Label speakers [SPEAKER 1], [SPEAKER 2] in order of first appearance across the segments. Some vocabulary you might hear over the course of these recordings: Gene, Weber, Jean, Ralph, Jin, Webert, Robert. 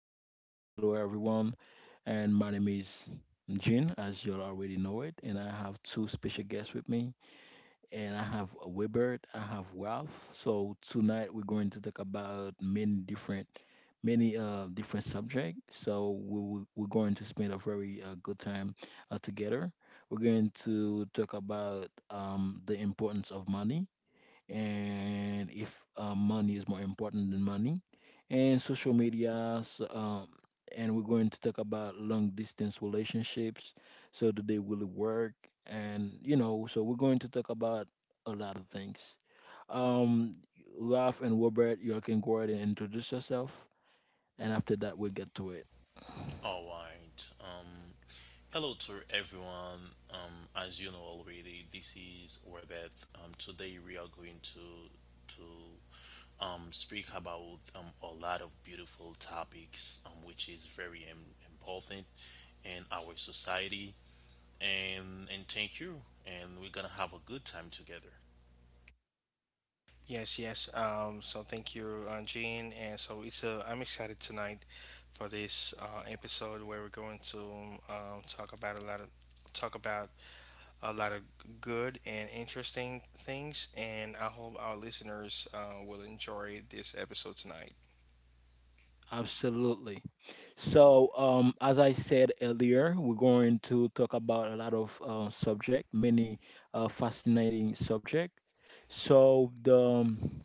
[SPEAKER 1] my podcast. Hello, everyone, and my name is Jin, as you all already know it. And I have two special guests with me, and I have Webert, I have Ralph. So tonight we're going to talk about many different subject. So we're going to spend a very good time together. We're going to talk about the importance of money, and if money is more important than money and social media. So, and we're going to talk about long distance relationships. So do they really work? And so we're going to talk about a lot of things um Ralph and Robert, you all can go ahead and introduce yourself, and after that we'll get to it.
[SPEAKER 2] All right. Hello to everyone. Um, as you know already, this is Rebeth. Today we are going to speak about a lot of beautiful topics, which is very important in our society. And thank you. And we're gonna have a good time together.
[SPEAKER 3] Yes, yes. So thank you, Jean. And so it's I'm excited tonight for this episode where we're going to talk about a lot of talk about a lot of good and interesting things. And I hope our listeners will enjoy this episode tonight.
[SPEAKER 1] Absolutely. So, as I said earlier, we're going to talk about a lot of subject, many fascinating subject. So the um,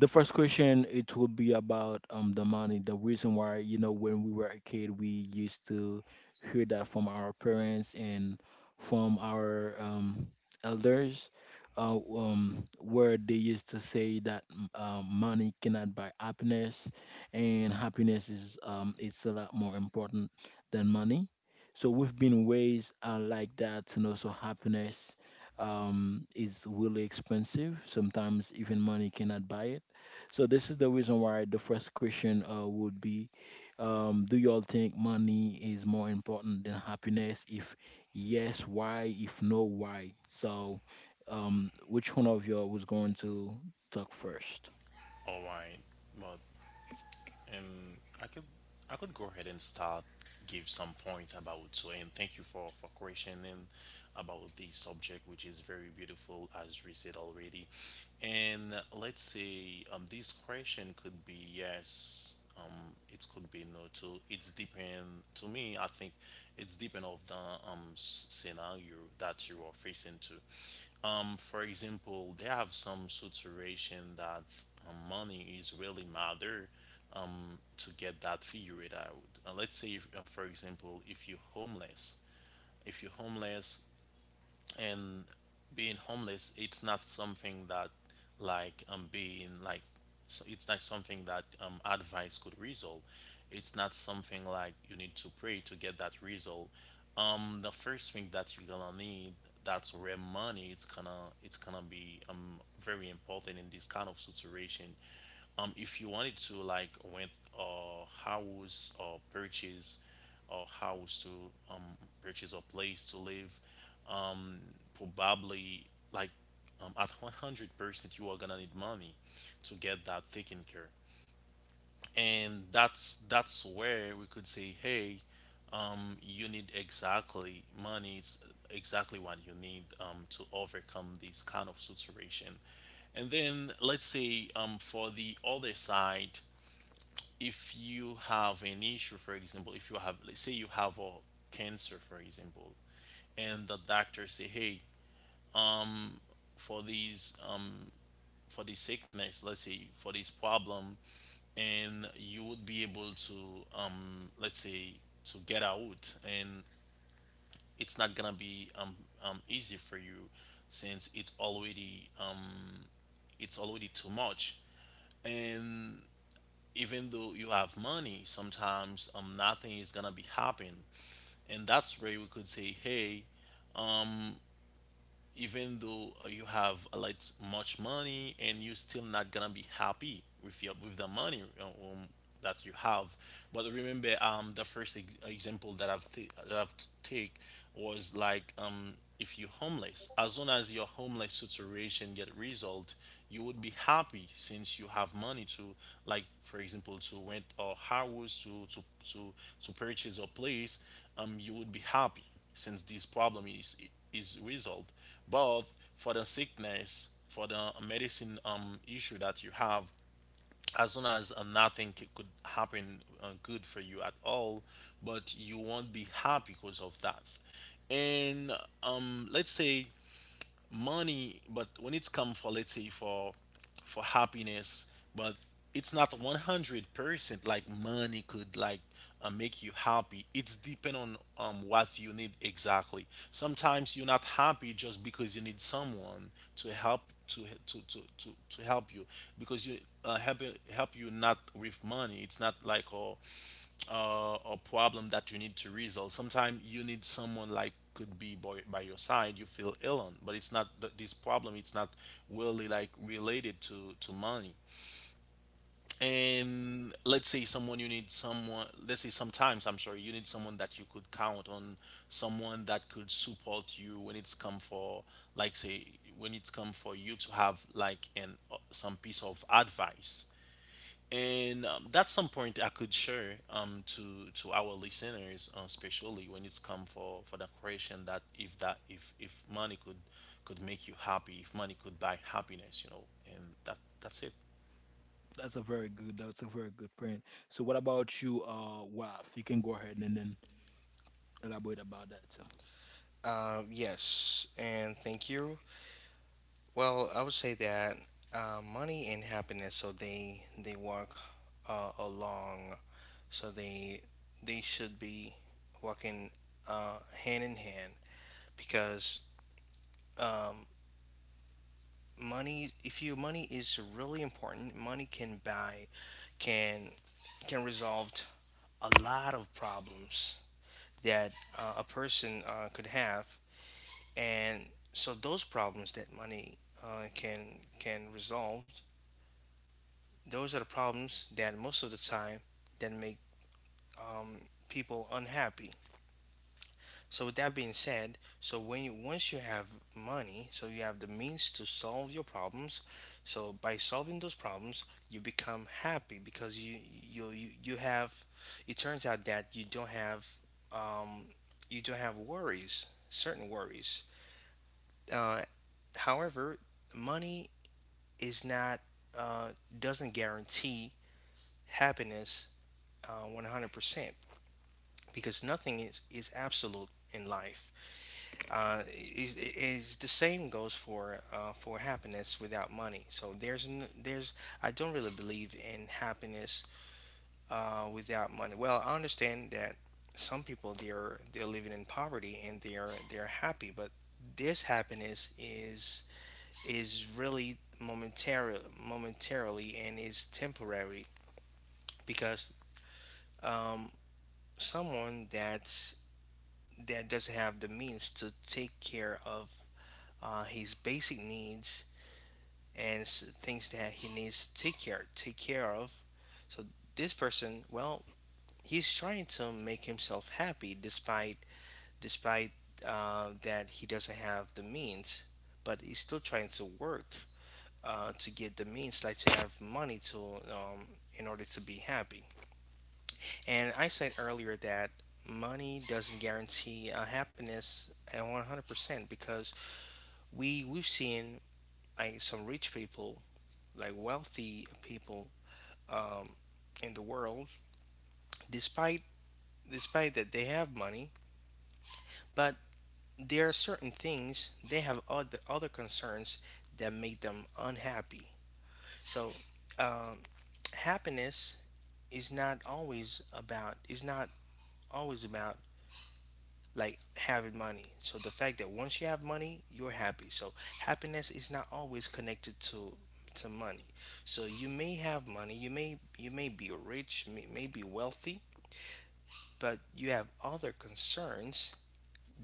[SPEAKER 1] the first question it will be about the money. The reason why, you know, when we were a kid, we used to hear that from our parents and from our elders, where they used to say that money cannot buy happiness, and happiness is, it's a lot more important than money. So we've been raised like that, and also happiness is really expensive. Sometimes even money cannot buy it. So this is the reason why the first question would be, do y'all think money is more important than happiness? If yes, why? If no, why? So, which one of y'all was going to talk first?
[SPEAKER 2] All right. Well, and I could I could go ahead and start give some point about so and thank you for questioning about this subject, which is very beautiful, as we said already. And let's say this question could be yes, it could be no too. It's depend. To me, I think it's depend of the scenario that you are facing to. For example, they have some situation that money is really matter to get that figured out. Let's say if, for example, if you're homeless, if you're homeless, and being homeless, it's not something that like being like so it's not something that advice could resolve. It's not something like you need to pray to get that result. The first thing that you're gonna need, that's where money, it's gonna be very important in this kind of situation. If you wanted to like rent a house or purchase a house to purchase a place to live, um probably like at 100% you are gonna need money to get that taken care. And that's where we could say, hey, you need exactly money. It's exactly what you need to overcome this kind of situation. And then let's say for the other side, if you have an issue, for example, if you have, let's say you have a cancer, for example, and the doctor say, hey, um, for these, for this sickness, let's say for this problem, and you would be able to, let's say, to get out, and it's not gonna be easy for you, since it's already too much, and even though you have money, sometimes nothing is gonna be happening. And that's where we could say, hey, um even though you have a lot much money, and you're still not gonna be happy with your with the money that you have. But remember the first example that I've take was like, if you're homeless, as long as your homeless situation get resolved, you would be happy since you have money to, like, for example, to rent a house to, to purchase a place. You would be happy since this problem is resolved. Both for the sickness, for the medicine issue that you have, as soon as nothing could happen good for you at all, but you won't be happy because of that. And let's say money, but when it's come for, let's say, for happiness, but it's not 100% like money could like make you happy. It's depend on what you need exactly. Sometimes you're not happy just because you need someone to help to help you, because you uh, help help you not with money. It's not like oh or problem that you need to resolve. Sometimes you need someone like could be by your side, you feel ill on, but it's not this problem. It's not really like related to money. And let's say someone, you need someone. Let's say sometimes, I'm sorry, you need someone that you could count on, someone that could support you when it's come for, like say, when it's come for you to have like an some piece of advice. And that's some point I could share to our listeners, especially when it's come for the creation, that if that if money could make you happy, if money could buy happiness, you know, and that's it.
[SPEAKER 1] That's a very good. That's a very good point. So, what about you, Waf? You can go ahead and then elaborate about that too.
[SPEAKER 3] Yes, and thank you. Well, I would say that money and happiness, so they walk along, so they should be working hand in hand because um, money, if your money is really important, money can buy, can can resolve a lot of problems that a person could have. And so those problems that money can resolve, those are the problems that most of the time that make um, people unhappy. So with that being said, so when you once you have money, so you have the means to solve your problems. So by solving those problems, you become happy because you have. It turns out that you don't have, um, you don't have worries, certain worries. Uh, however, money is not, uh, doesn't guarantee happiness 100%, because nothing is absolute in life. uh, is, the same goes for happiness without money. So there's, I don't really believe in happiness without money. Well, I understand that some people, they're living in poverty and they're happy, but this happiness is really momentary, momentarily, and is temporary because um, someone that's, that doesn't have the means to take care of his basic needs and things that he needs to take care of. So this person, well, he's trying to make himself happy despite that he doesn't have the means, but he's still trying to work to get the means, like to have money to, um, in order to be happy. And I said earlier that money doesn't guarantee happiness at 100%, because we, we've seen like some rich people, like wealthy people, um, in the world, despite despite that they have money, but there are certain things, they have other concerns that make them unhappy. So, um, happiness is not always about like having money. So the fact that once you have money, you're happy. So happiness is not always connected to money. So you may have money, you may be rich, may be wealthy, but you have other concerns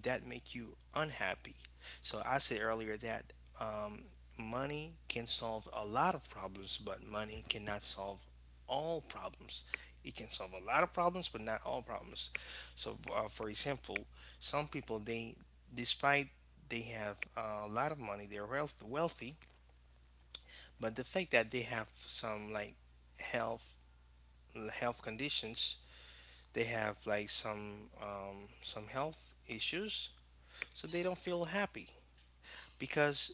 [SPEAKER 3] that make you unhappy. So I said earlier that um, money can solve a lot of problems, but money cannot solve all problems. It can solve a lot of problems, but not all problems. So, for example, some people they, despite they have a lot of money, they're wealthy, but the fact that they have some like health health conditions, they have like some, some health issues, so they don't feel happy because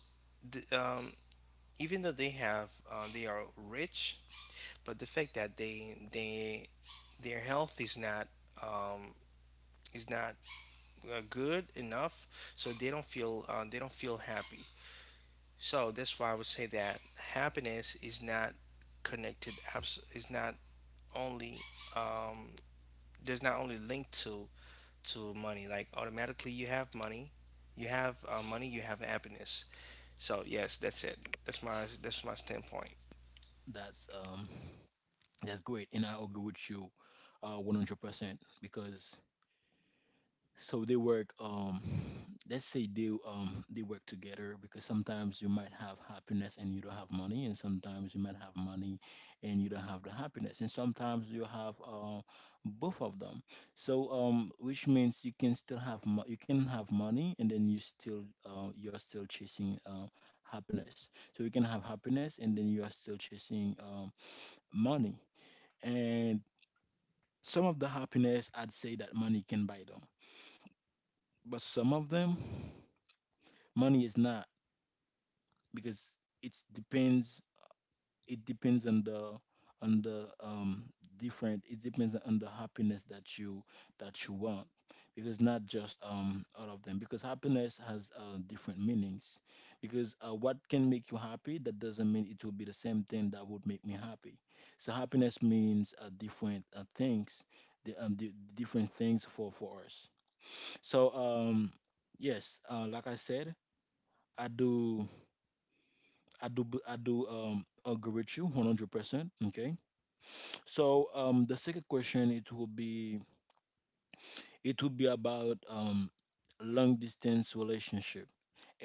[SPEAKER 3] the, even though they have, they are rich, but the fact that they their health is not, um, is not good enough, so they don't feel, they don't feel happy. So that's why I would say that happiness is not is not only, um, there's not only linked to money. Like automatically you have money, you have money, you have happiness. So yes, that's it. That's my, that's my standpoint.
[SPEAKER 1] That's great, and I agree with you, 100%, because so they work. Let's say they work together, because sometimes you might have happiness and you don't have money, and sometimes you might have money and you don't have the happiness, and sometimes you have both of them. So, which means you can have money, and then you're still chasing happiness. So you can have happiness and then you are still chasing money, and some of the happiness I'd say that money can buy them. But some of them money is not, because it depends, on the, on the um different it depends on the happiness that you want, because not just all of them, because happiness has different meanings. Because what can make you happy, that doesn't mean it will be the same thing that would make me happy. So happiness means different things, the different things for us. So yes, like I said, i do I do agree with you 100%. Okay. So the second question, it will be about long distance relationship.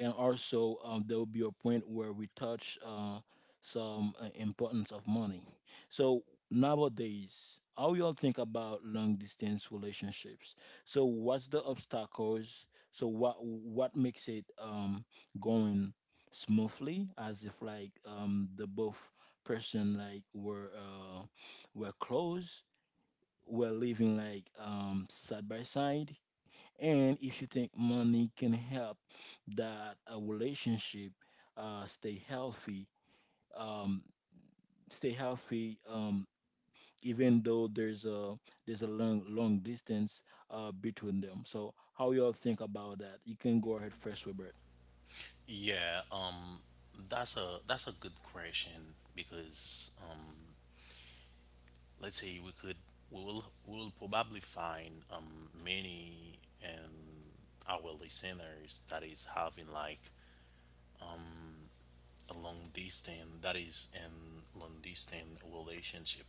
[SPEAKER 1] And also, there will be a point where we touch some importance of money. So nowadays, how y'all think about long distance relationships? So what's the obstacles? So what makes it, going smoothly, as if like, the both person like were close, were living like, side by side, and if you think money can help that a relationship uh, stay healthy, um, stay healthy, even though there's a long distance between them. So how y'all think about that? You can go ahead first, Robert.
[SPEAKER 2] Yeah, that's a good question, because let's say we could, we will probably find many, and our listeners that is having like um a long distance, that is in long distance relationship.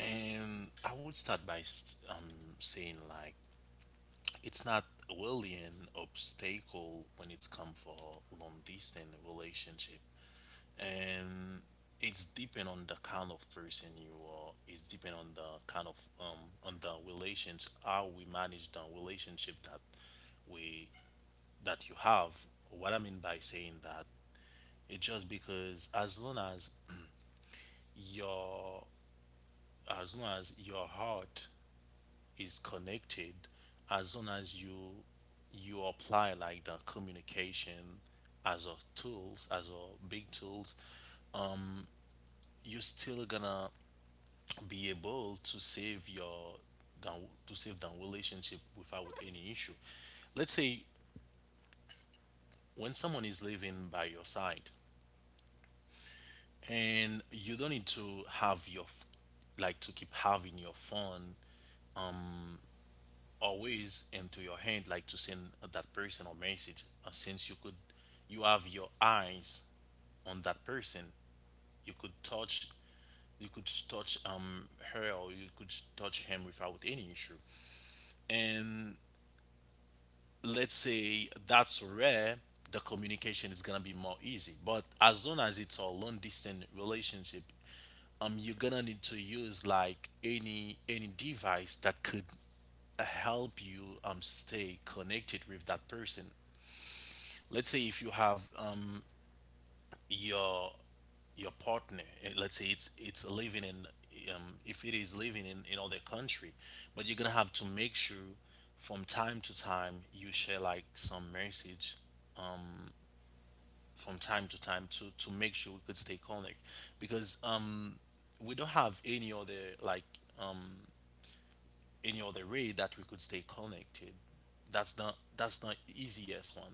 [SPEAKER 2] And I would start by saying like it's not really an obstacle when it's come for long distance relationship. And it's depend on the kind of person you are. It's depend on the kind of on the relationship, how we manage the relationship that we that you have. What I mean by saying that, it's just because, as long as your as long as your heart is connected, as long as you apply like the communication as a tools, as a big tools, um you're still gonna be able to save your down, to save the relationship without any issue. Let's say when someone is living by your side, and you don't need to have your like to keep having your phone um always into your hand, like to send that person a message, since you could, you have your eyes on that person. you could touch you could touch her, or you could touch him without any issue. And let's say that's rare, the communication is gonna be more easy. But as long as it's a long distance relationship, you're gonna need to use like any device that could help you stay connected with that person. Let's say if you have your your partner, eh, let's say it's living in if it is living in other country, but you're gonna have to make sure from time to time you share like some message from time to time to make sure we could stay connected. Because we don't have any other like um any other way that we could stay connected. That's not easiest one.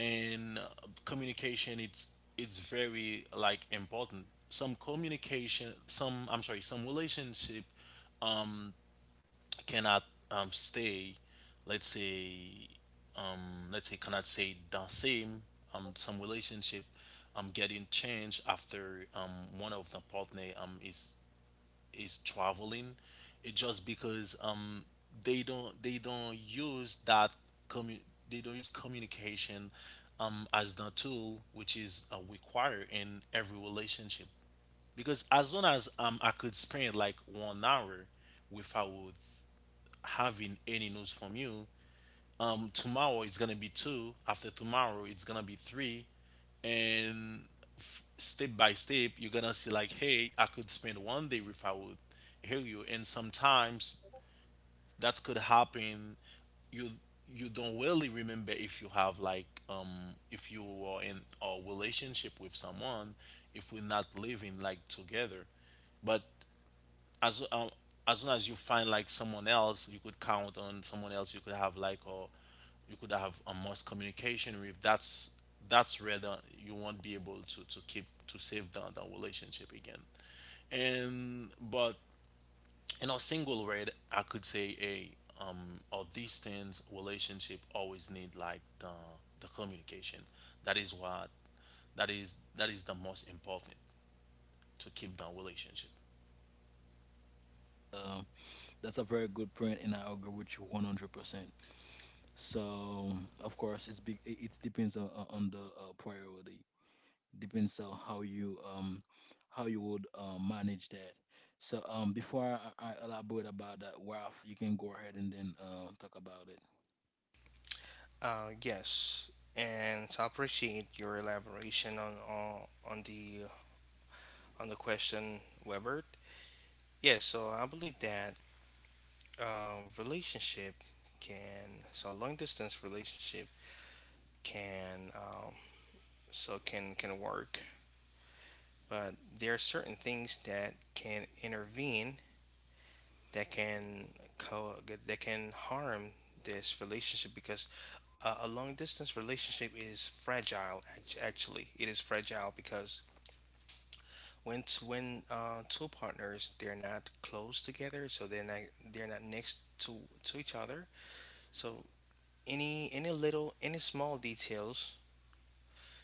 [SPEAKER 2] And communication, it's very like important. Some communication, some, I'm sorry, some relationship um cannot stay, let's say let's say cannot say the same. Some relationship getting changed after one of the partner is traveling. It just because they don't use that commu- they don't use communication as the tool, which is required in every relationship. Because as long as I could spend like 1 hour without having any news from you, tomorrow it's gonna be two, after tomorrow it's gonna be three, and step by step you're gonna see like, hey, I could spend one day without hear you. And sometimes that could happen, you don't really remember if you have like if you are in a relationship with someone, if we're not living like together. But as um as soon as you find like someone else you could count on, someone else you could have like a, you could have a most communication with, that's where the, you won't be able to keep, to save the relationship again. And but in a single word, I could say a or distance relationship always need like the communication. That is what, that is the most important to keep the relationship.
[SPEAKER 1] Um, that's a very good point, and I agree with you 100%. So, of course, it's big. It depends on, the priority. Depends on how you would manage that. So before I elaborate about that, Ralph, you can go ahead and then talk about it.
[SPEAKER 3] Yes, and so I appreciate your elaboration on on the question, Webert. Yes, so I believe that relationship can, long distance relationship can, so can work, but there are certain things that can intervene, that can co- that can harm this relationship, because a long distance relationship is actually it is fragile, because when two partners, they're not close together, so they're not, they're not next to each other. So any little, any small details,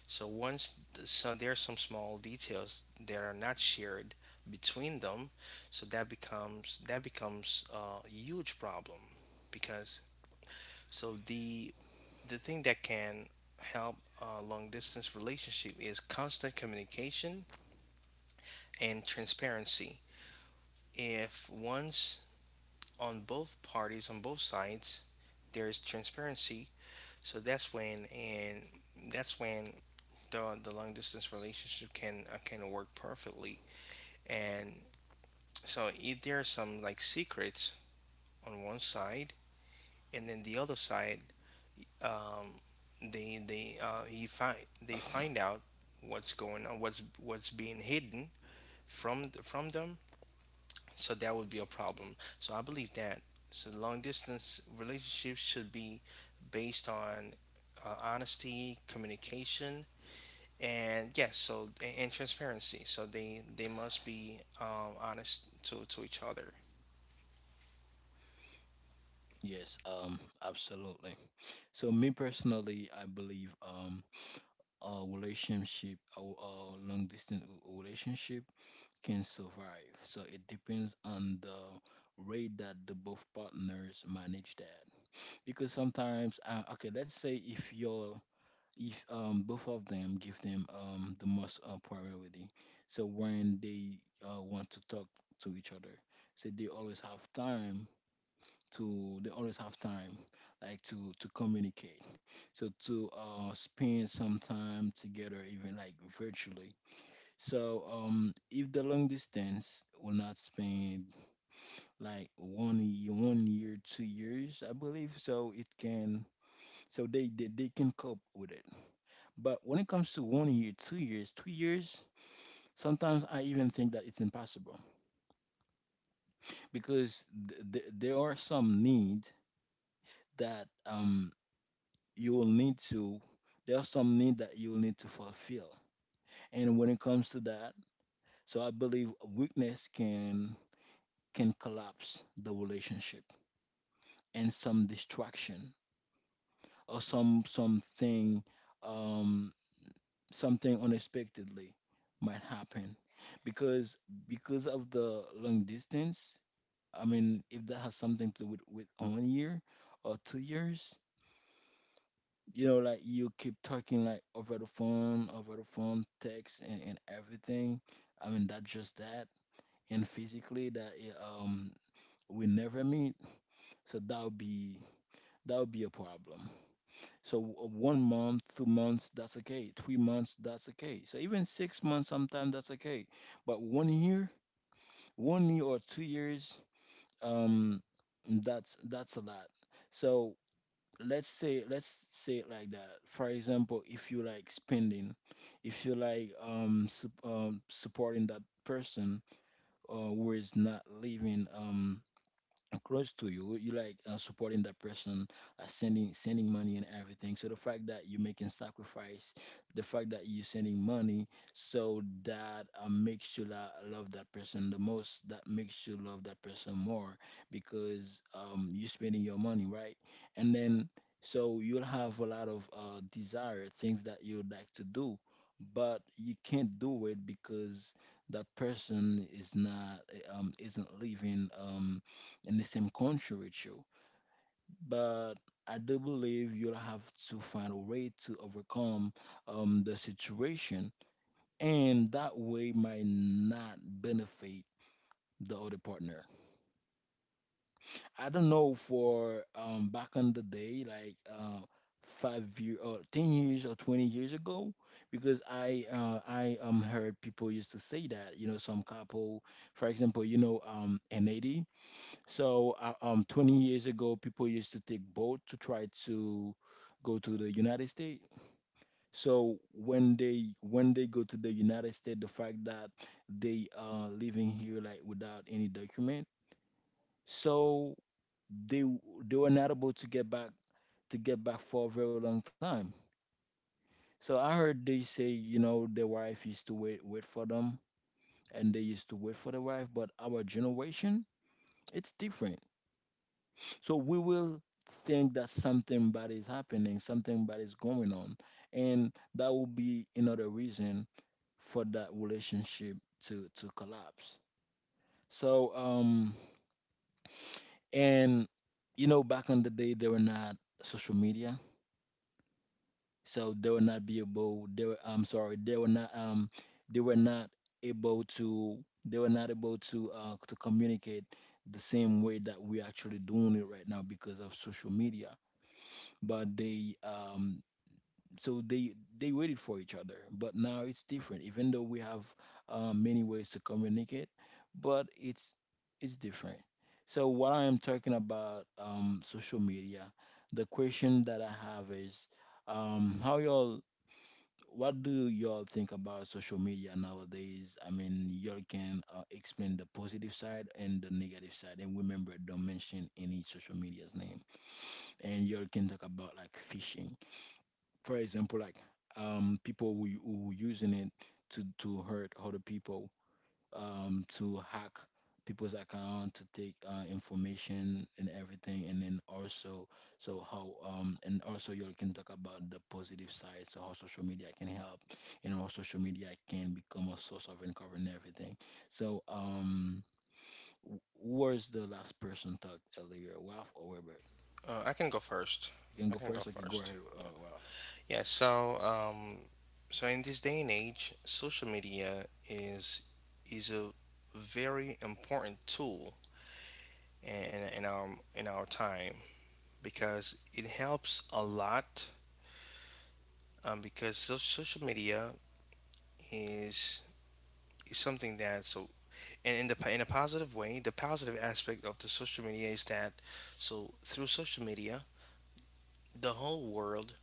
[SPEAKER 3] so so there are some small details that are not shared between them, so that becomes, that becomes a huge problem because. So the thing that can help a long distance relationship is constant communication and transparency. If once, on both parties, on both sides, there is transparency, so that's when, and that's when the long distance relationship can, can work perfectly. And so if there are some like secrets on one side, and then the other side, um, they they uh, he find they find out what's going on, what's being hidden from from them. So that would be a problem. So I believe that so long distance relationships should be based on honesty, communication, and yes, so and transparency. So they must be honest to each other.
[SPEAKER 1] Yes, absolutely. So me personally, I believe a long distance relationship can survive. So it depends on the rate that the both partners manage that, because sometimes, okay, let's say if your, if both of them give them the most, priority. So when they want to talk to each other, so they always have time to they always have time like to communicate, so to spend some time together, even like virtually. So if the long distance will not spend like 1 year, 2 years, I believe so it can, so they can cope with it. But when it comes to 1 year, 2 years, 3 years, sometimes I even think that it's impossible, because there are some need that, you will need to there are some need that you will need to fulfill. And when it comes to that, so I believe weakness can collapse the relationship, and some distraction or um something unexpectedly might happen, because because of the long distance. I mean, if that has something to do with 1 year or 2 years, you know, like you keep talking like over the phone, text, and everything. I mean, that just that. And physically, we never meet, so that would be, a problem. So, 1 month, 2 months, that's okay. 3 months, that's okay. So even 6 months, sometimes that's okay. But one year or 2 years, um, that's a lot. So let's say it like that. For example, if you like spending if you like sup- supporting that person, who is not living close to you like supporting that person, sending money and everything, so the fact that you're making sacrifice, the fact that you're sending money, so that makes you love that person the most that makes you love that person more, because you're spending your money, right? And then, so you'll have a lot of desire things that you'd like to do, but you can't do it because that person is not, isn't living in the same country with you. But I do believe you'll have to find a way to overcome the situation, and that way might not benefit the other partner. I don't know for, back in the day, like, 5 year or 10 years or 20 years ago, because I heard people used to say that some couple, for example. You know an eighty So, 20 years ago, people used to take boat to try to go to the United States. So when they go to the United States, the fact that they are living here like without any document, so they they were not able to get back, for a very long time. So I heard they say, their wife used to wait for them, and they used to wait for the wife. But our generation, it's different. So we will think that something bad is happening, something bad is going on, and that will be another reason for that relationship to collapse. So and you know back in the day there were not social media, so they were not be able they were not able to they were not able to communicate the same way that we're actually doing it right now because of social media. But they so they waited for each other. But now it's different, even though we have many ways to communicate, but it's different. So what I am talking about, social media, the question that I have is, how y'all, what do y'all think about social media nowadays? I mean, y'all can explain the positive side and the negative side. And remember, don't mention any social media's name. And y'all can talk about, like, phishing, for example, like, people who using it to hurt other people, to hack people's account, to take information and everything, and then also, so how and also you all can talk about the positive side, so how social media can help, and how social media can become a source of uncovering everything. So, who was the last person talked earlier, Ralph or Robert?
[SPEAKER 3] I can go first.
[SPEAKER 1] You can
[SPEAKER 3] I
[SPEAKER 1] go
[SPEAKER 3] can go
[SPEAKER 1] first. I can go
[SPEAKER 3] first.
[SPEAKER 1] ahead,
[SPEAKER 3] Yeah.
[SPEAKER 1] Ralph.
[SPEAKER 3] Yeah, so in this day and age, social media is a very important tool in, our in our time, because it helps a lot. Social media is is something that so, and in the in a positive way, the positive aspect of the social media is that, so through social media, the whole world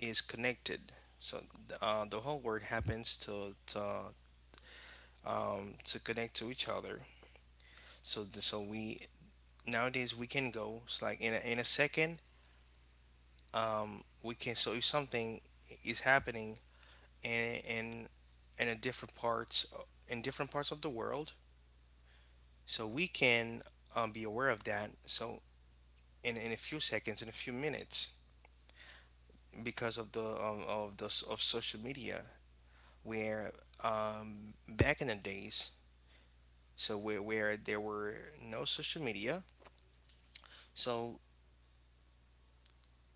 [SPEAKER 3] is connected. So the whole world happens to connect to each other. So so we nowadays we can go, it's like in a second, we can, so if something is happening in in a different parts, in different parts of the world, so we can be aware of that, so in a few seconds, in a few minutes, because of the, of social media, where back in the days, so where there were no social media, so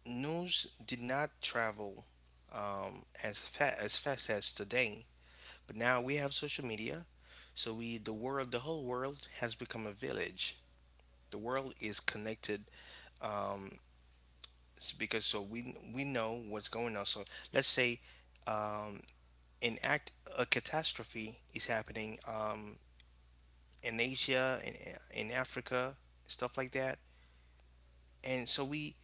[SPEAKER 3] news did not travel as fast as today. But now we have social media, so we, the world, the whole world has become a village. The world is connected, um, because so we know what's going on. So let's say um, an act a catastrophe is happening in Asia, in Africa, stuff like that. And so we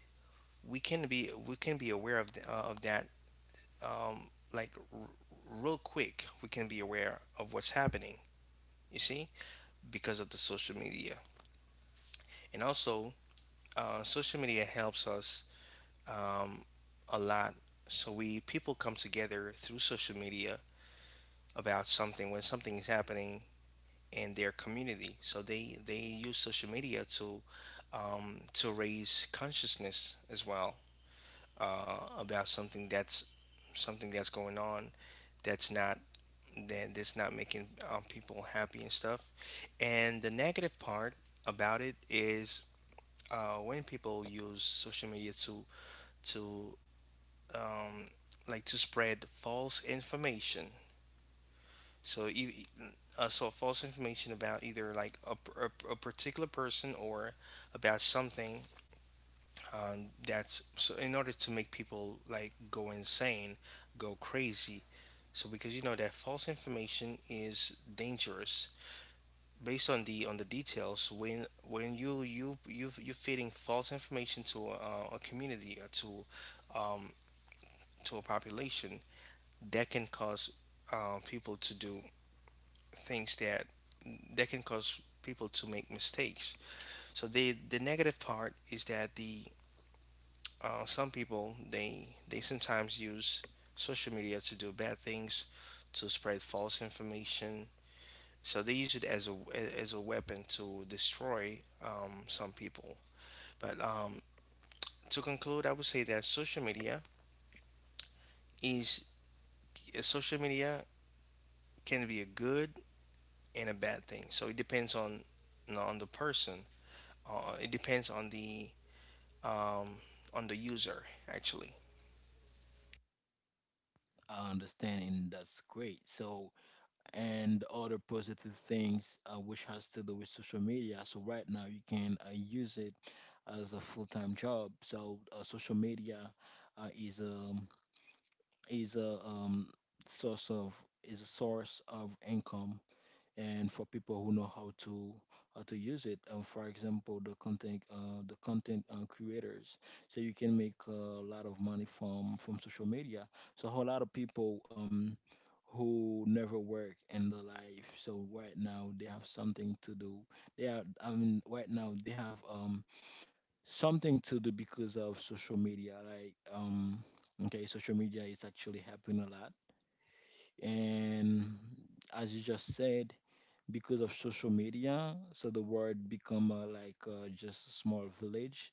[SPEAKER 3] we can be, we can be aware of of that, um, like r- real quick, we can be aware of what's happening, you see, because of the social media. And also, social media helps us, um, a lot. So we, people come together through social media, about something, when something is happening in their community, so they use social media to raise consciousness as well, about something that's, something that's going on that's not, that that's not making people happy and stuff. And the negative part about it is when people use social media to um, like to spread false information. So you so false information about either like a particular person, or about something that's, so in order to make people like go insane, go crazy. So because you know that false information is dangerous based on the, on the details, when you're feeding false information to a community, or um, to a population, that can cause people to do things that, that can cause people to make mistakes. So the negative part is that the, some people they sometimes use social media to do bad things, to spread false information. So they use it as a, as a weapon to destroy some people. But to conclude, I would say that social media is, social media can be a good and a bad thing. So it depends on, you know, on the person. It depends on the, um, on the user actually.
[SPEAKER 1] I understand, and that's great. So, and other positive things which has to do with social media. So right now you can use it as a full-time job. So social media uh, is a is a um, source of is a source of income, and for people who know how to use it. For example, the content creators. So you can make a lot of money from social media. So a whole lot of people, who never work in their life. So right now they have something to do. They are, I mean, right now they have something to do because of social media. Like, okay, social media is actually helping a lot. And as you just said, because of social media, so the world become like just a small village.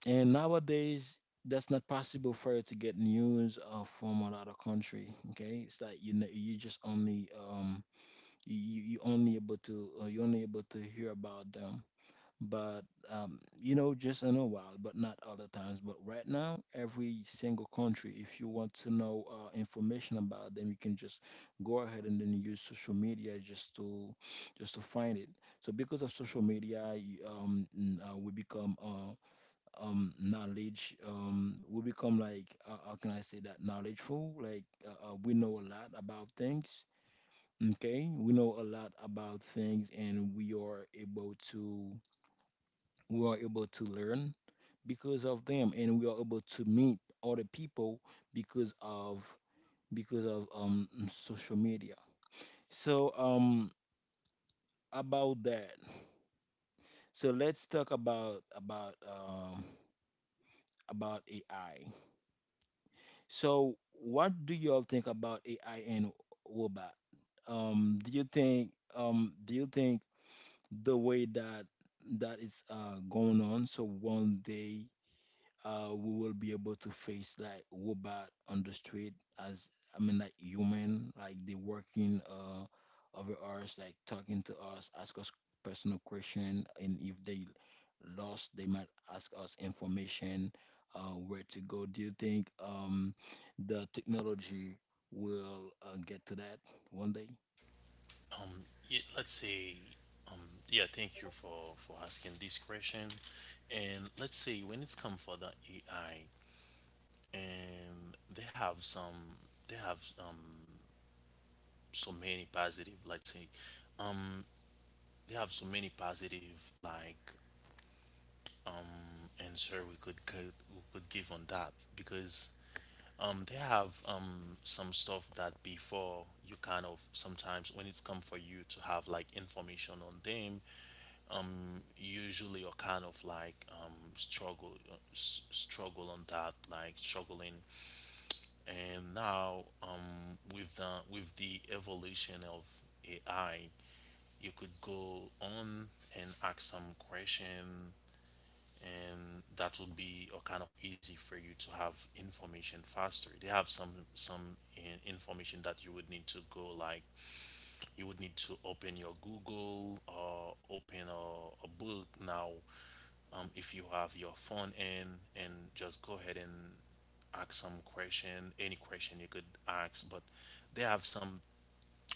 [SPEAKER 1] And nowadays, that's not possible for you to get news from another country. Okay, it's like you only able to hear about them, but just in a while, but not other times. But right now every single country, if you want to know information about them, you can just go ahead and then use social media just to find it. So because of social media we become like how can I say that, knowledgeful, like we know a lot about things. Okay, we know a lot about things, and we are able to learn because of them, and we are able to meet other people because of because of social media. So about that. So let's talk about AI. So what do you all think about AI and robot? Do you think the way that is going on. So one day we will be able to face like robot on the street, as I mean like human, like they working over us, like talking to us, ask us personal question, and if they lost, they might ask us information where to go. Do you think the technology will get to that one day?
[SPEAKER 2] Um y Let's say um, yeah, thank you for, asking this question. And let's say when it's come for the AI, and they have some, they have so many positive, let's say um they have so many positive like answer we could give on that. Because they have some stuff that, before, you kind of sometimes when it's come for you to have like information on them, usually you're kind of like struggle, on that, like struggling. And now, with the evolution of AI, you could go on and ask some question, and that would be a kind of easy for you to have information faster. They have Some information that you would need to go like you would need to open your Google or open a book now. If you have your phone in, and just go ahead and ask some question, any question you could ask. But they have some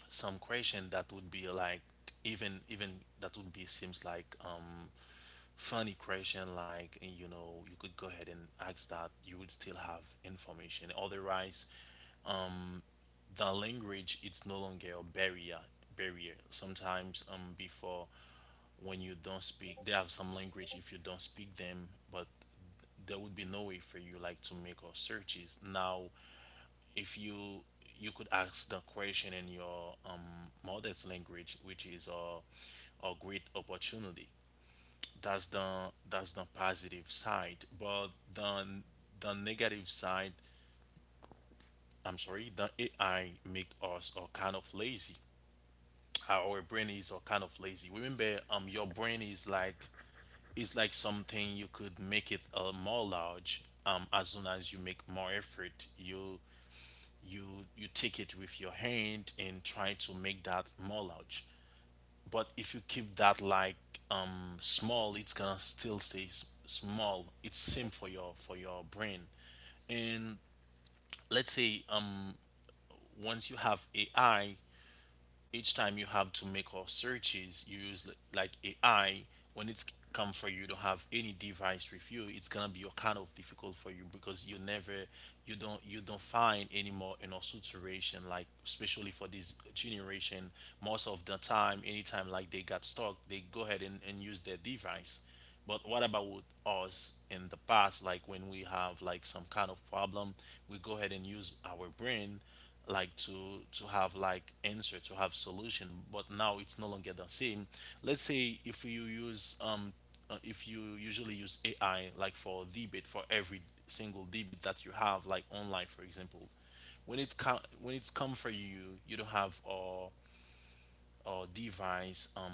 [SPEAKER 2] some question that would be like, even that would be seems like funny question. Like, you could go ahead and ask that, you would still have information. Otherwise, the language, it's no longer a barrier. Sometimes, before, when you don't speak, they have some language if you don't speak them. But there would be no way for you like to make our searches. Now, if you could ask the question in your mother's language, which is a great opportunity. That's the that's the positive side. But the the negative side. I'm sorry, the AI make us a kind of lazy. Our brain is a kind of lazy. Remember, your brain is like, is like something you could make it more large. As soon as you make more effort, you you take it with your hand and try to make that more large. But if you keep that like small, it's gonna still stay small. It's same for your brain. And let's say, once you have AI, each time you have to make our searches, you use like AI. When it's come for you to have any device with you, it's gonna be kind of difficult for you because you don't find anymore in our situation, like especially for this generation. Most of the time, anytime like they got stuck, they go ahead and use their device. But what about with us in the past, like when we have like some kind of problem? We go ahead and use our brain, like to have like answer, to have solution. But now it's no longer the same. Let's say if you use if you usually use AI like for debate, for every single debate that you have like online, for example. When it's come for you don't have or device.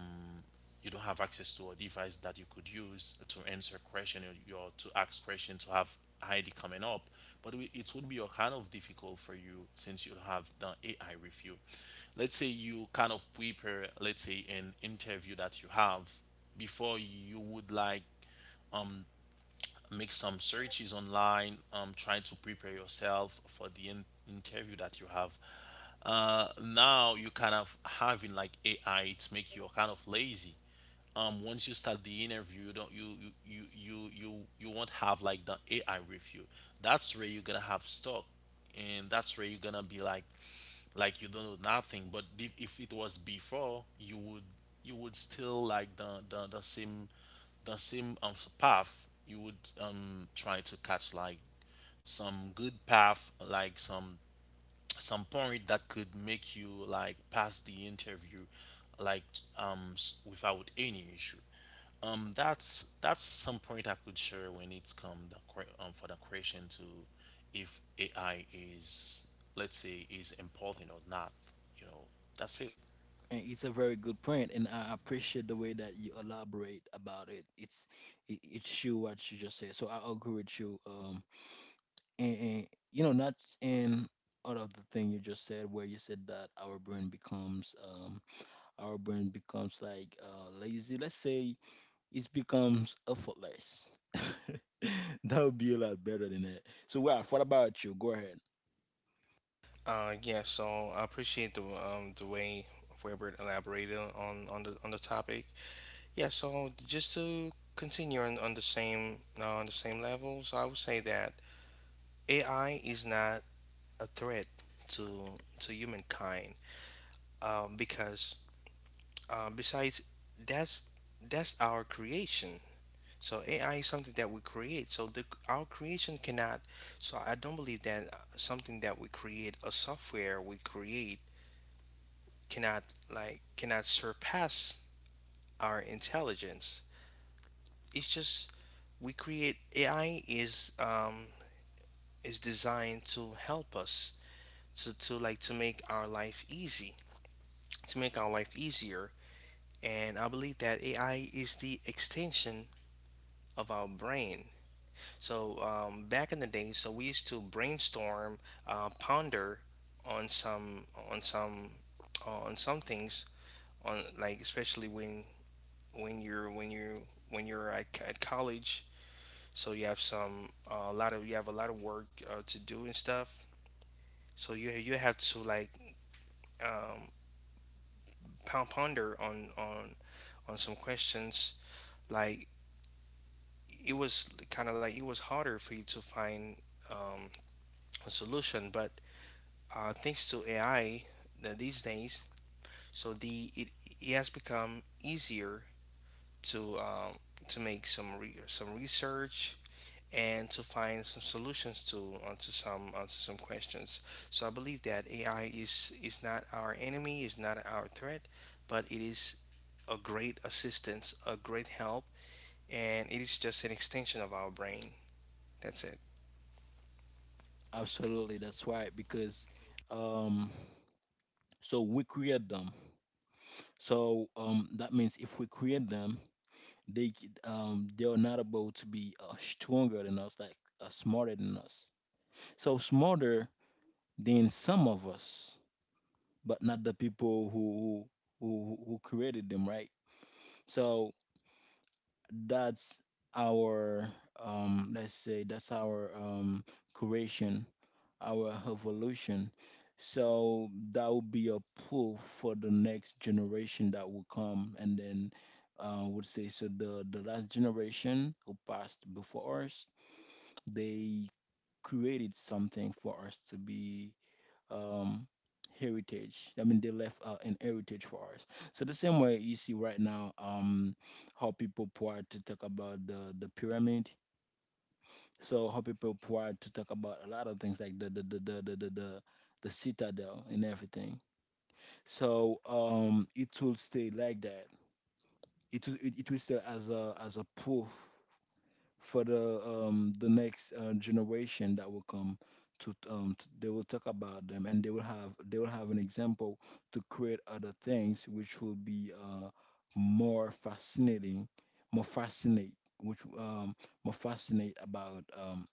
[SPEAKER 2] You don't have access to a device that you could use to answer question, or to ask question to have ID coming up. But it would be a kind of difficult for you since you have the AI with you. Let's say you kind of prepare, let's say, an interview that you have. Before, you would like make some searches online, trying to prepare yourself for the interview that you have. Now, you kind of having like AI, it's make you kind of lazy. Once you start the interview, you don't you you you you you, you won't have like the AI with you. That's where you're gonna have stuck. And that's where you're gonna be like you don't know nothing. But if it was before, you would still like the same the same path, you would try to catch like some good path, like some point that could make you like pass the interview, like without any issue. That's some point I could share when it's come for the question to, if AI is, let's say, is important or not. you know that's it.
[SPEAKER 1] And it's a very good point, and I appreciate the way that you elaborate about it. It's true what you just said, so I agree with you. And not in out of the thing you just said, where you said that our brain becomes like lazy. Let's say it becomes effortless. That would be a lot better than that. So, Ralph, what about you? Go ahead.
[SPEAKER 3] Yeah. So I appreciate the, the way Weber elaborated on, the topic. Yeah. So just to continue on the same level. So I would say that AI is not a threat to humankind, because, besides, that's that's our creation. So AI is something that we create. So the our creation cannot. So I don't believe that something that we create, a software we create, cannot, like cannot surpass our intelligence. It's just, we create, AI is, is designed to help us to like to make our life easy, to make our life easier. And I believe that AI is the extension of our brain. So back in the day, so we used to brainstorm, ponder on some, on some, on some things, on like especially when you, when you're at college. So you have some a lot of, you have a lot of work to do and stuff. So you have to um, pound ponder on some questions. like it was kind of like it was harder for you to find um, a solution. But thanks to AI these days, so it has become easier to um, to make some research and to find some solutions to onto some questions. So I believe that AI is not our enemy, is not our threat, but it is a great assistance, a great help, and it is just an extension of our brain. That's it.
[SPEAKER 1] Absolutely, that's right. Because um, so we create them. So that means if we create them, they are not able to be stronger than us, like smarter than us. So smarter than some of us, but not the people who created them, right? So that's our let's say that's our creation, our evolution. So that will be a pull for the next generation that will come, and then would say, so the last generation who passed before us, they created something for us to be um, heritage. I mean, they left an heritage for us. So the same way you see right now, how people part to talk about the pyramid. So how people prior to talk about a lot of things, like the citadel and everything. So it will stay like that. It will stay as a proof for the next generation that will come, to they will talk about them and they will have an example to create other things which will be more fascinating more fascinate which more fascinate about um,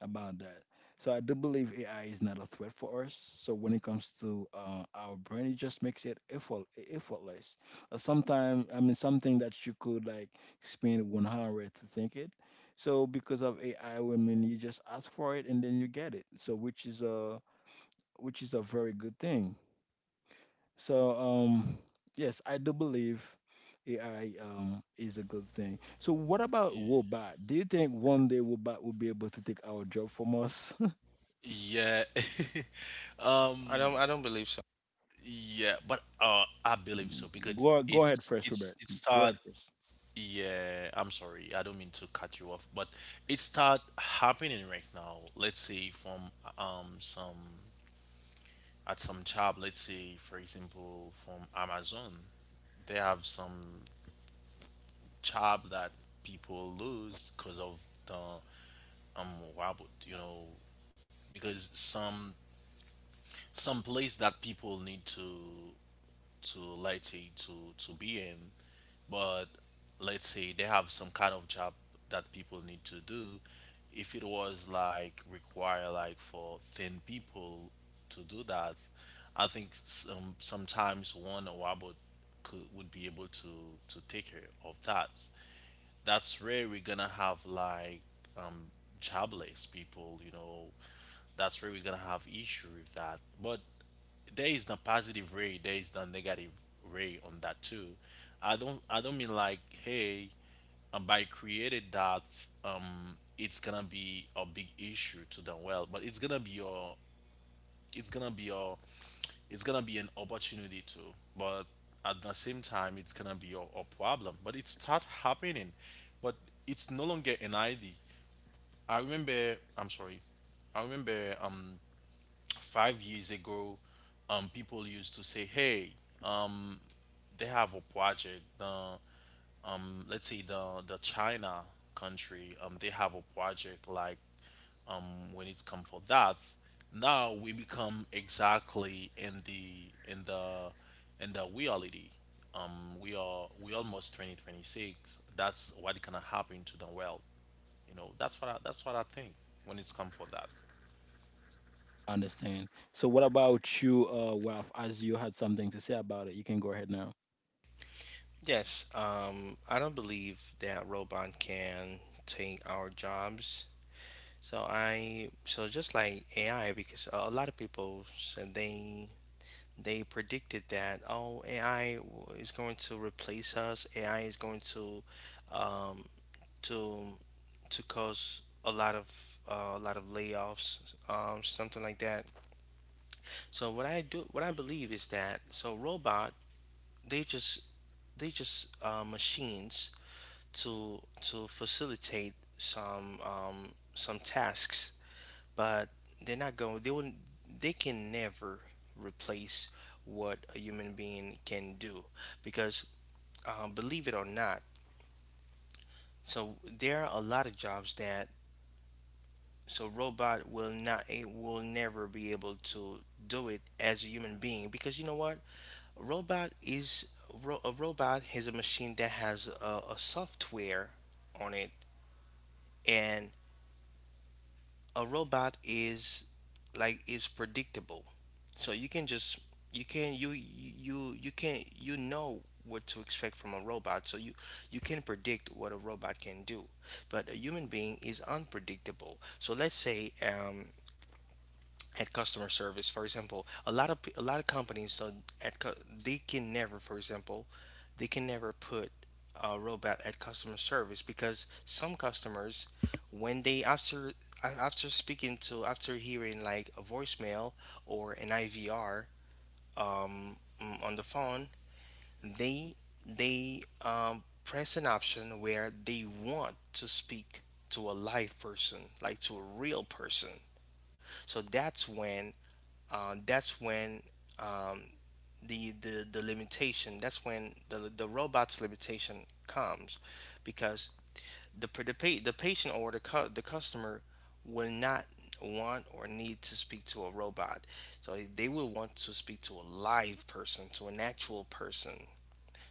[SPEAKER 1] about that. So I do believe AI is not a threat for us. So when it comes to our brain, it just makes it effortless. Uh, sometimes, I mean, something that you could like spend one hour to think it, so because of AI, I mean, you just ask for it and then you get it. So which is a very good thing. So yes, I do believe AI is a good thing. So what about
[SPEAKER 2] Yeah.
[SPEAKER 1] Wobot? Do you think one day Wobot will be able to take our job from us?
[SPEAKER 2] Yeah.
[SPEAKER 3] I
[SPEAKER 2] um
[SPEAKER 3] don't I don't believe so.
[SPEAKER 2] yeah, but I believe so, because
[SPEAKER 1] Go ahead first, Robert.
[SPEAKER 2] it
[SPEAKER 1] Go
[SPEAKER 2] start.
[SPEAKER 1] ahead first.
[SPEAKER 2] Yeah, I'm sorry, I don't mean to cut you off, but it start happening right now. Let's say from some at some job, let's say for example, from Amazon, they have some job that people lose because of the um robot, you know, because some place that people need to, let's say, to be in. But let's say they have some kind of job that people need to do. If it was like require like for 10 people to do that, I think sometimes one or robot could would be able to take care of that. That's where we're gonna have like um jobless people. That's where we're gonna have issue with that. But there is the positive ray, there is the negative ray on that too. I don't mean like, hey, by created that, it's gonna be a big issue to the well, but it's gonna be your it's gonna be an opportunity too. But at the same time, it's gonna be your a problem. But it start happening. But it's no longer an idea. I'm sorry, I remember 5 years ago, people used to say, hey, um, they have a project, the let's say, the China country, they have a project like, when it's come for that. Now we become exactly in the in the reality. um we almost 2026. That's what gonna happen to the world. That's what I think when it's come for that.
[SPEAKER 1] Understand. So what about you, Ralph? As you had something to say about it, you can go ahead now.
[SPEAKER 3] Yes, I don't believe that robot can take our jobs. So just like AI, because a lot of people said they predicted that, oh, AI is going to replace us. AI is going to um, to to cause a lot of layoffs, something like that. So what I believe is that, so robot, they just they just machines to facilitate some tasks, but they're not going. They will. They can never replace what a human being can do, because believe it or not, so there are a lot of jobs that, so robot will not, it will never be able to do it as a human being, because you know what a robot is. A robot is a machine that has a software on it. And a robot is like is predictable, so you can just you can you you you can you know what to expect from a robot, so you can predict what a robot can do. But a human being is unpredictable. So let's say at customer service, for example, a lot of companies, so they can never, for example, they can never put a robot at customer service, because some customers, when they after speaking to, after hearing like a voicemail or an IVR on the phone, they press an option where they want to speak to a live person, like to a real person. So that's when um, the limitation that's when the robot's limitation comes, because the patient or the customer will not want or need to speak to a robot, so they will want to speak to a live person, to an actual person.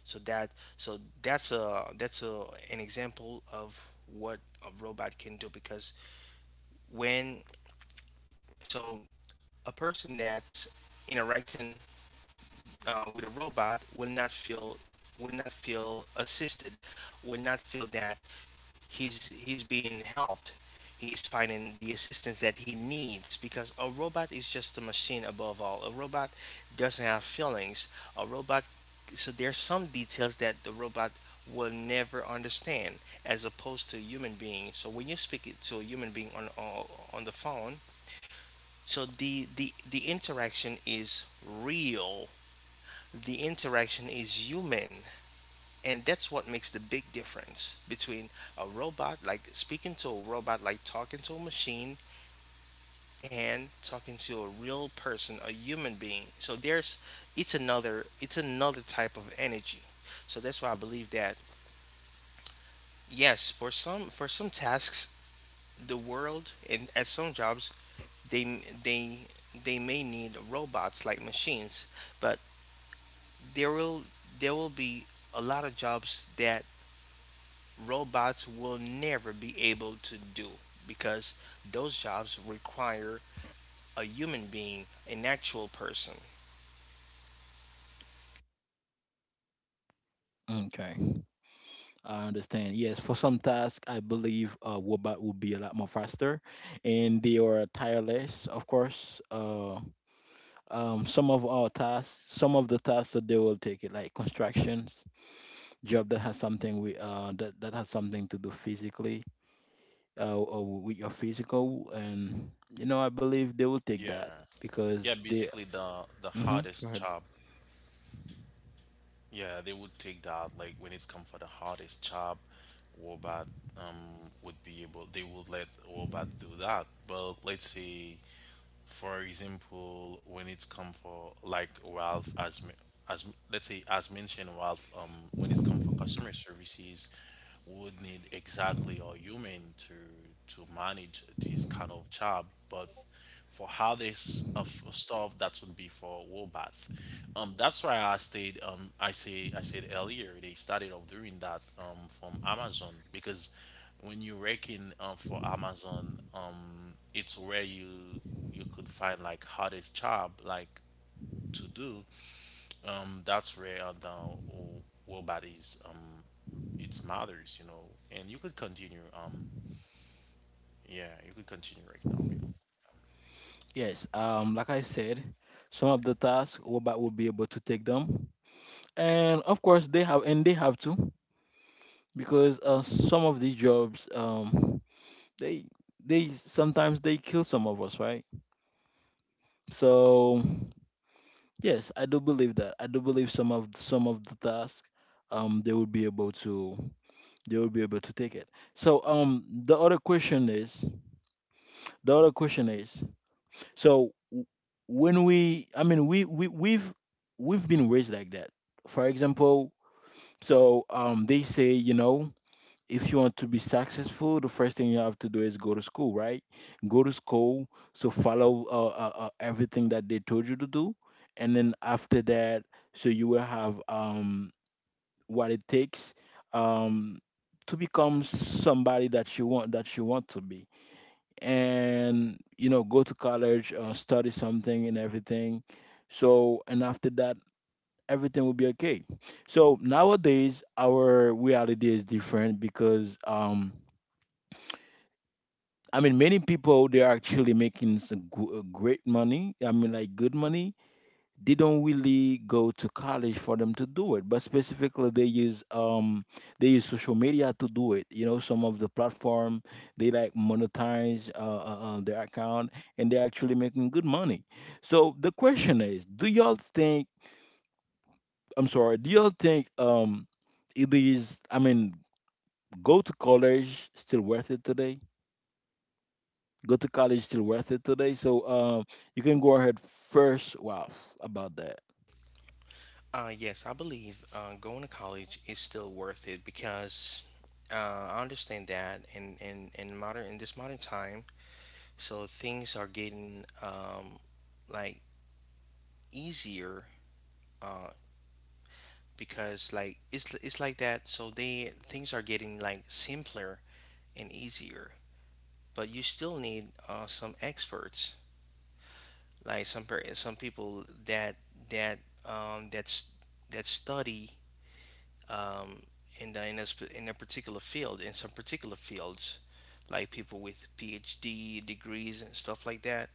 [SPEAKER 3] so that so that's a an example of what a robot can do, because when, so a person that's interacting with a robot will not feel, will not feel assisted, will not feel that he's being helped. He's finding the assistance that he needs, because a robot is just a machine above all. A robot doesn't have feelings. A robot, so there's some details that the robot will never understand, as opposed to human being. So when you speak it to a human being on on the phone, so the interaction is real, the interaction is human. And that's what makes the big difference between a robot, like speaking to a robot, like talking to a machine, and talking to a real person, a human being. So there's, it's another type of energy. So that's why I believe that, yes, for some tasks, the world, and at some jobs, they they they may need robots, like machines, but there will there will be a lot of jobs that robots will never be able to do, because those jobs require a human being, an actual person.
[SPEAKER 1] Okay. I understand. Yes, for some tasks, I believe robot will be a lot more faster, and they are tireless, of course. Some of the tasks that they will take it, like constructions, job that has something with that has something to do physically, or with your physical, and I believe they will take that
[SPEAKER 2] Yeah. Yeah,
[SPEAKER 1] because they.
[SPEAKER 2] basically the
[SPEAKER 1] Hmm. Go
[SPEAKER 2] hardest
[SPEAKER 1] ahead.
[SPEAKER 2] job. Yeah, they would take that like when it's come for the hardest job, robot, would be able they would let robot do that. But let's say, for example, when it's come for like Ralph, as me- as let's say as mentioned Ralph, when it's come for customer services, we would need exactly a human to manage this kind of job. But for how this of stuff, that would be for robot. That's why I stayed. I said earlier they started of doing that. From Amazon because when you reckon, for Amazon, it's where you could find like hardest job like to do. That's where the wo- robot is. It's matters, and you could continue. Yeah, you could continue right now. You know.
[SPEAKER 1] Yes, like I said, some of the tasks robot will be able to take them, and of course they have, and they have to. Because some of these jobs they they sometimes they kill some of us, right? So yes, I do believe some of the tasks they will be able to they will be able to take it. So the other question is, so when we I mean we we've been raised like that. For example, so they say, if you want to be successful, the first thing you have to do is go to school, right? Go to school. So follow everything that they told you to do, and then after that, so you will have what it takes um to become somebody that you want to be, and go to college, study something and everything. So, and after that, everything will be okay. So nowadays, our reality is different, because I mean, many people they are actually making some great money. I mean, like good money. They don't really go to college for them to do it, but specifically they use social media to do it. You know, some of the platform, they like monetize their account, and they're actually making good money. So the question is, do y'all think? I'm sorry, do y'all think it is? I mean, go to college still worth it today? Go to college still worth it today. So you can go ahead first, Ralph, about that.
[SPEAKER 3] Yes, I believe going to college is still worth it, because I understand that in modern, in this modern time, so things are getting like easier, uh, because like it's like that. So they things are getting like simpler and easier. But you still need some experts, like some people that that um, that's that study um, in the in a, in a particular field, in some particular fields, like people with PhD degrees and stuff like that.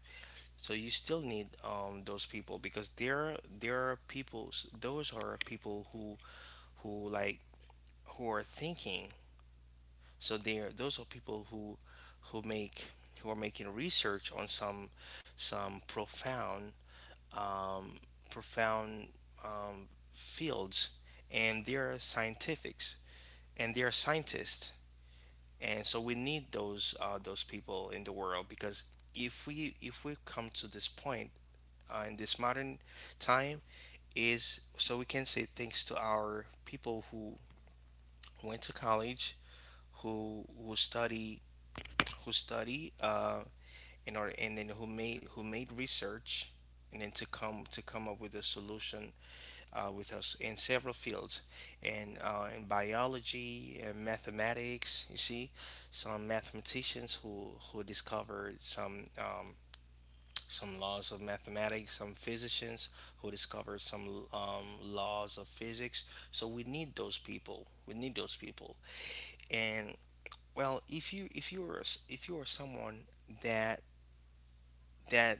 [SPEAKER 3] So you still need those people, because there are people, those are people who like, who are thinking. So there, those are people who make, who are making research on some profound um, profound fields, and they are scientifics, and they are scientists, and so we need those people in the world, because if we come to this point in this modern time, is so we can say thanks to our people who went to college, who study, who study uh, in order, and then who made research, and then to come up with a solution with us in several fields, and in biology and mathematics. You see some mathematicians who discovered some laws of mathematics, some physicians who discovered some laws of physics. So we need those people, and, well, if you're, if you are someone that that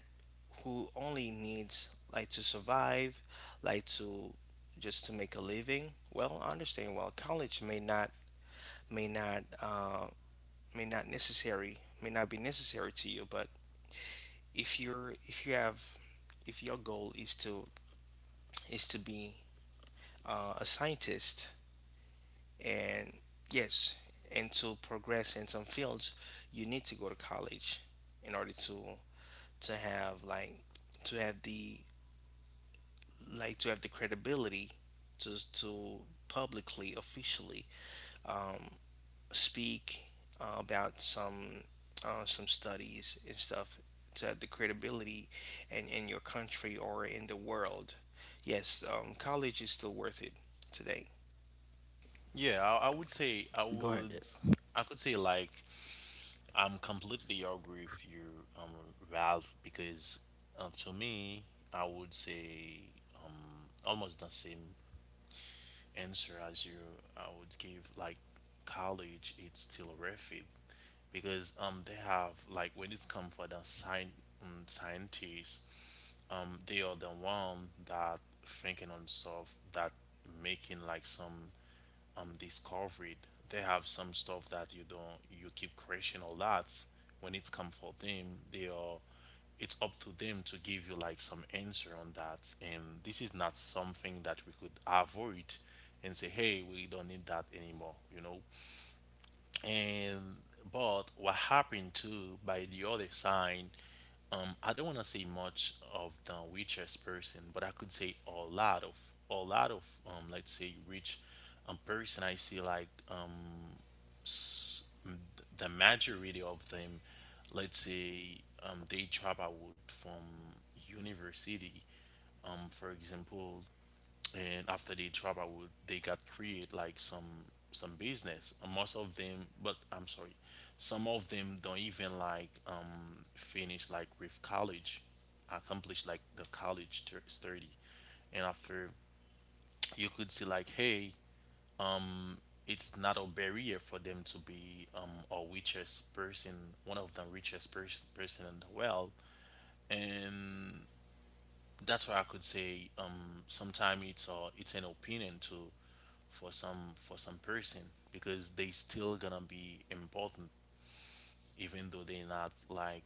[SPEAKER 3] who only needs, like, to survive, like to just to make a living. Well, I understand. Well, college may not, may not may not necessary, may not be necessary to you. But if you're, if you have, if your goal is to, is to be a scientist, and yes, and to progress in some fields, you need to go to college in order to have like, to have the, like to have the credibility to publicly, officially um, speak about some studies and stuff, to have the credibility, and in your country or in the world, yes, college is still worth it today.
[SPEAKER 2] Yeah, I would say I
[SPEAKER 1] Go ahead,
[SPEAKER 2] would.
[SPEAKER 1] yes.
[SPEAKER 2] I could say like, I'm completely agree with you, um, Ralph, because to me, I would say, um almost the same answer as you. I would give like, college it's still worth it because they have like, when it's come for the science scientists, they are the one that thinking on stuff, that making like some discovery. They have some stuff that you don't, you keep creation a lot. When it's come for them, they are, it's up to them to give you like some answer on that, and this is not something that we could avoid and say, hey, we don't need that anymore, you know. And but what happened too by the other side, I don't want to say much of the richest person, but I could say a lot of, let's say, rich person, I see like, s- the majority of them, let's say, they drop out from university, for example, and after they drop out, they got create like some business. And most of them, but I'm sorry, some of them don't even like, finish like with college, accomplish like the college study. And after, you could see like, hey, it's not a barrier for them to be, a richest person, one of the richest person in the world. And that's why I could say, sometimes it's an opinion too for some person, because they still gonna be important, even though they're not like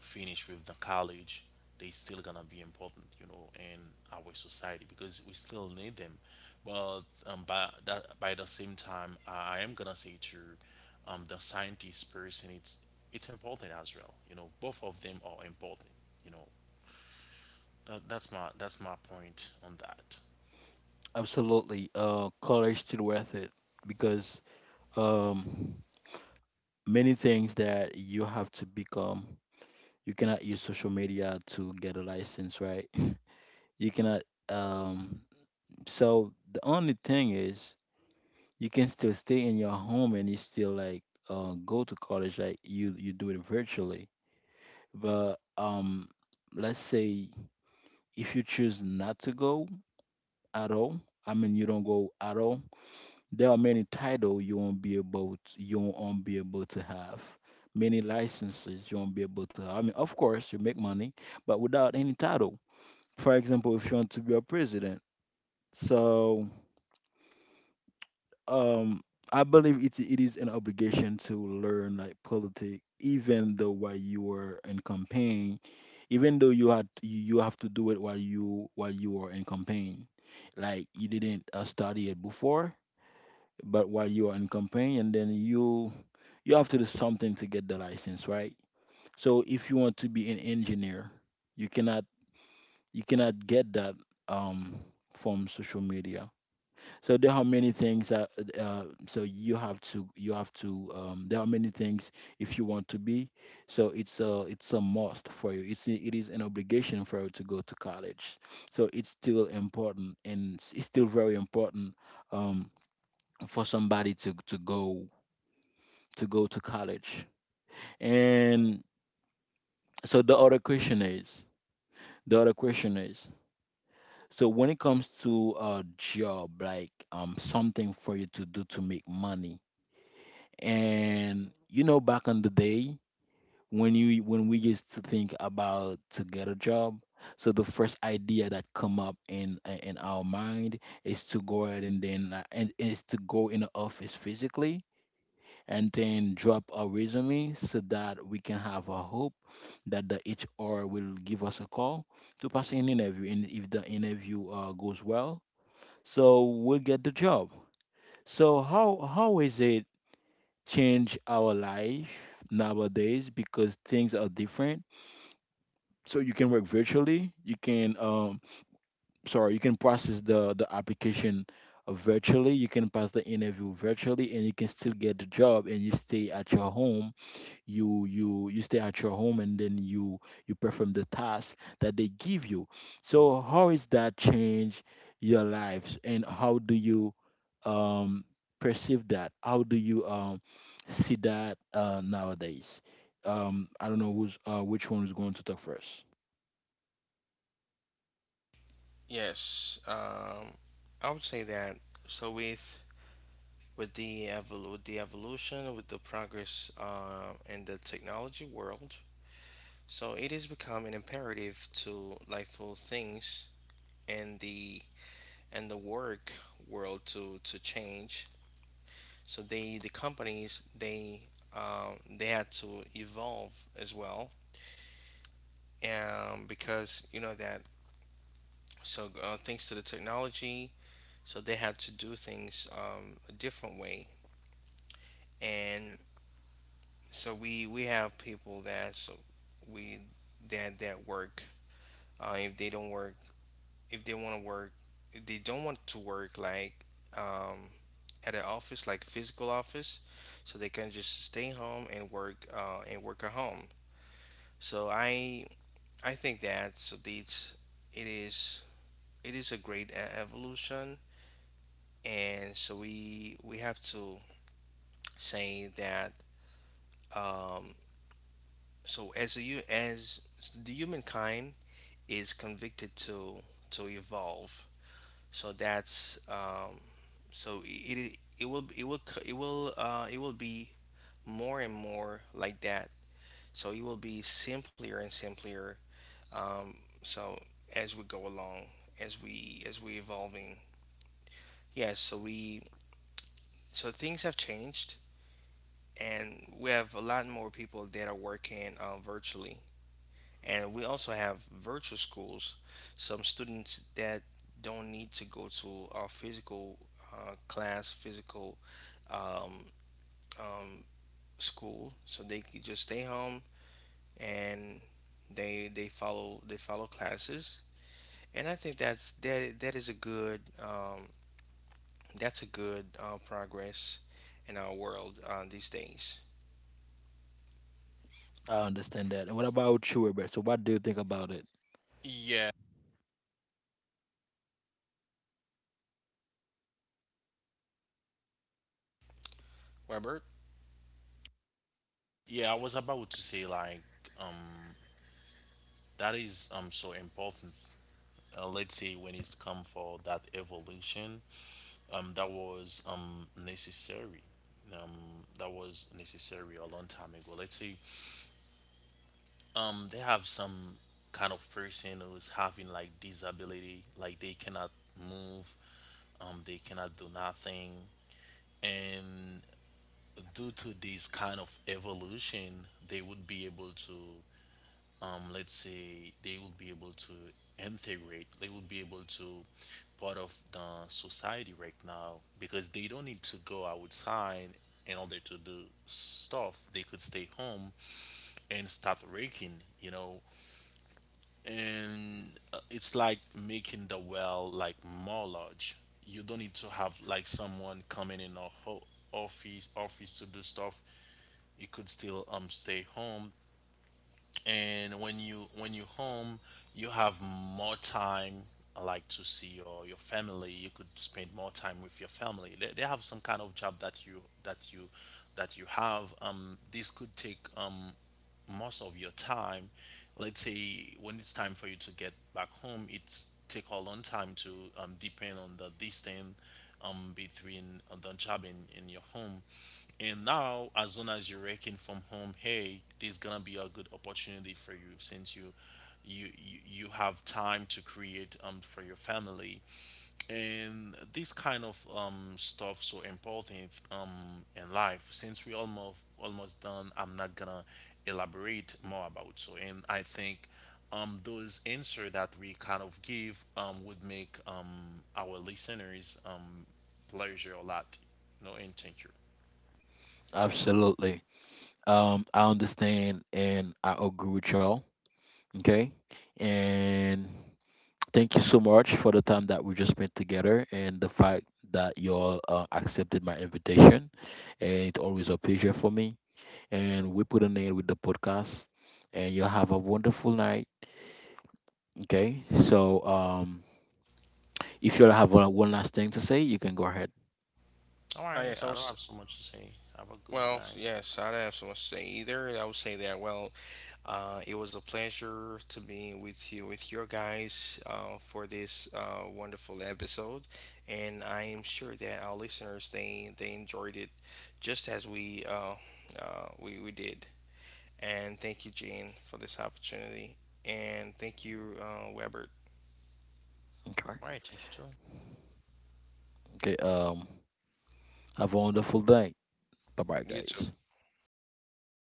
[SPEAKER 2] finish with the college. They still gonna be important, you know, in our society because we still need them. But by that, by the same time, I am gonna say, to, the scientist person, it's important as well. You know, both of them are important. You know, that's my point on that.
[SPEAKER 1] Absolutely. College still worth it, because um, many things that you have to become. You cannot use social media to get a license, right? You cannot. Um, so the only thing is, you can still stay in your home and you still like go to college. Like you do it virtually. But let's say if you choose not to go at all, I mean, you don't go at all, there are many title you won't be able to, have. Many licenses you won't be able to have. I mean, of course you make money, but without any title. For example, if you want to be a president. So um I believe it is an obligation to learn like politics, even though while you are in campaign, even though you have to do it while you are in campaign. Like you didn't study it before, but while you are in campaign and then you have to do something to get the license, right? So if you want to be an engineer, you cannot you cannot get that um from social media. So there are many things that so you have to there are many things if you want to be. So it's a must for you, it is an obligation for you to go to college. So it's still important, and it's still very important um, for somebody to go to college. And so the other question is, so when it comes to a job, like something for you to do to make money. And back on the day when you when we used to think about to get a job, so the first idea that come up in our mind is to go ahead, and then and is to go in the office physically, and then drop our resume so that we can have a hope that the HR will give us a call to pass an interview. And if the interview goes well, so we'll get the job. So how is it change our life nowadays, because things are different. So you can work virtually. You can sorry, you can process the application virtually. You can pass the interview virtually, and you can still get the job, and you stay at your home, and then you perform the task that they give you. So how is that change your lives, and how do you um perceive that, how do you see that nowadays. I don't know who's which one is going to talk first.
[SPEAKER 3] Yes, I would say that, so with with the evolution, with the progress in the technology world. So it has become an imperative to lifeful things, and the, and the work world to change. So they the companies, they had to evolve as well, because you know that. So thanks to the technology, so they had to do things a different way. And so we have people that, so we, that that work. Uh, if they don't work if they want to work, if they don't want to work, like um, at an office, like physical office, so they can just stay home and work at home. So I think that, so it's, it is, it is a great evolution. And so we have to say that um, so as a, hu- as the humankind is convicted to evolve. So that's so it will it will it will be more and more like that. So it will be simpler and simpler. Um, so as we go along, as we evolving, yes. So we, so things have changed, and we have a lot more people that are working virtually. And we also have virtual schools, some students that don't need to go to our physical class, physical um, um, school, so they could just stay home, and they follow, they follow classes. And I think that's that that is a good that's a good progress in our world these days.
[SPEAKER 1] I understand that, and what about you, Robert? So what do you think about it?
[SPEAKER 2] Yeah,
[SPEAKER 3] Robert?
[SPEAKER 2] yeah, I was about to say like, um that is, so important. Let's say when it's come for that evolution, that was, necessary. That was necessary a long time ago. Let's say, they have some kind of person who's having like disability, like they cannot move, they cannot do nothing. And due to this kind of evolution, they would be able to, let's say, they will be able to integrate, they will be able to part of the society right now because they don't need to go outside in order to do stuff. They could stay home and start raking, you know. And it's like making the well like more large. You don't need to have like someone coming in a office to do stuff. You could still stay home. And when you home, you have more time, like to see your family. You could spend more time with your family. They have some kind of job that you that you that you have, this could take, most of your time. Let's say when it's time for you to get back home, it's take a long time to, depend on the distance, between the job and your home. And now, as soon as you're working from home, hey, there's gonna be a good opportunity for you since you have time to create, for your family. And this kind of stuff so important in life. Since we almost done, I'm not gonna elaborate more about. So, and I think those answer that we kind of give, would make our listeners, pleasure a lot, you know. And thank you.
[SPEAKER 1] Absolutely, I understand and I agree with y'all. Okay. And thank you so much for the time that we just spent together, and the fact that you all accepted my invitation. And it's always a pleasure for me. And we put an end with the podcast. And you all have a wonderful night. Okay. So if you all have one last thing to say, you can go ahead.
[SPEAKER 2] All
[SPEAKER 3] Ah,
[SPEAKER 2] right,
[SPEAKER 3] yes, I
[SPEAKER 2] I don't
[SPEAKER 3] was.
[SPEAKER 2] have so much to say. Have a good
[SPEAKER 3] Well,
[SPEAKER 2] night.
[SPEAKER 3] yes, I don't have so much to say either. I would say that, well, it was a pleasure to be with you, with your guys, for this wonderful episode, and I am sure that our listeners, they enjoyed it just as we we did. And thank you, Gene, for this opportunity, and thank you, Webert.
[SPEAKER 1] Okay.
[SPEAKER 2] All right, thank you too.
[SPEAKER 1] Okay. Have a wonderful day. Bye bye,
[SPEAKER 3] You too.
[SPEAKER 1] guys.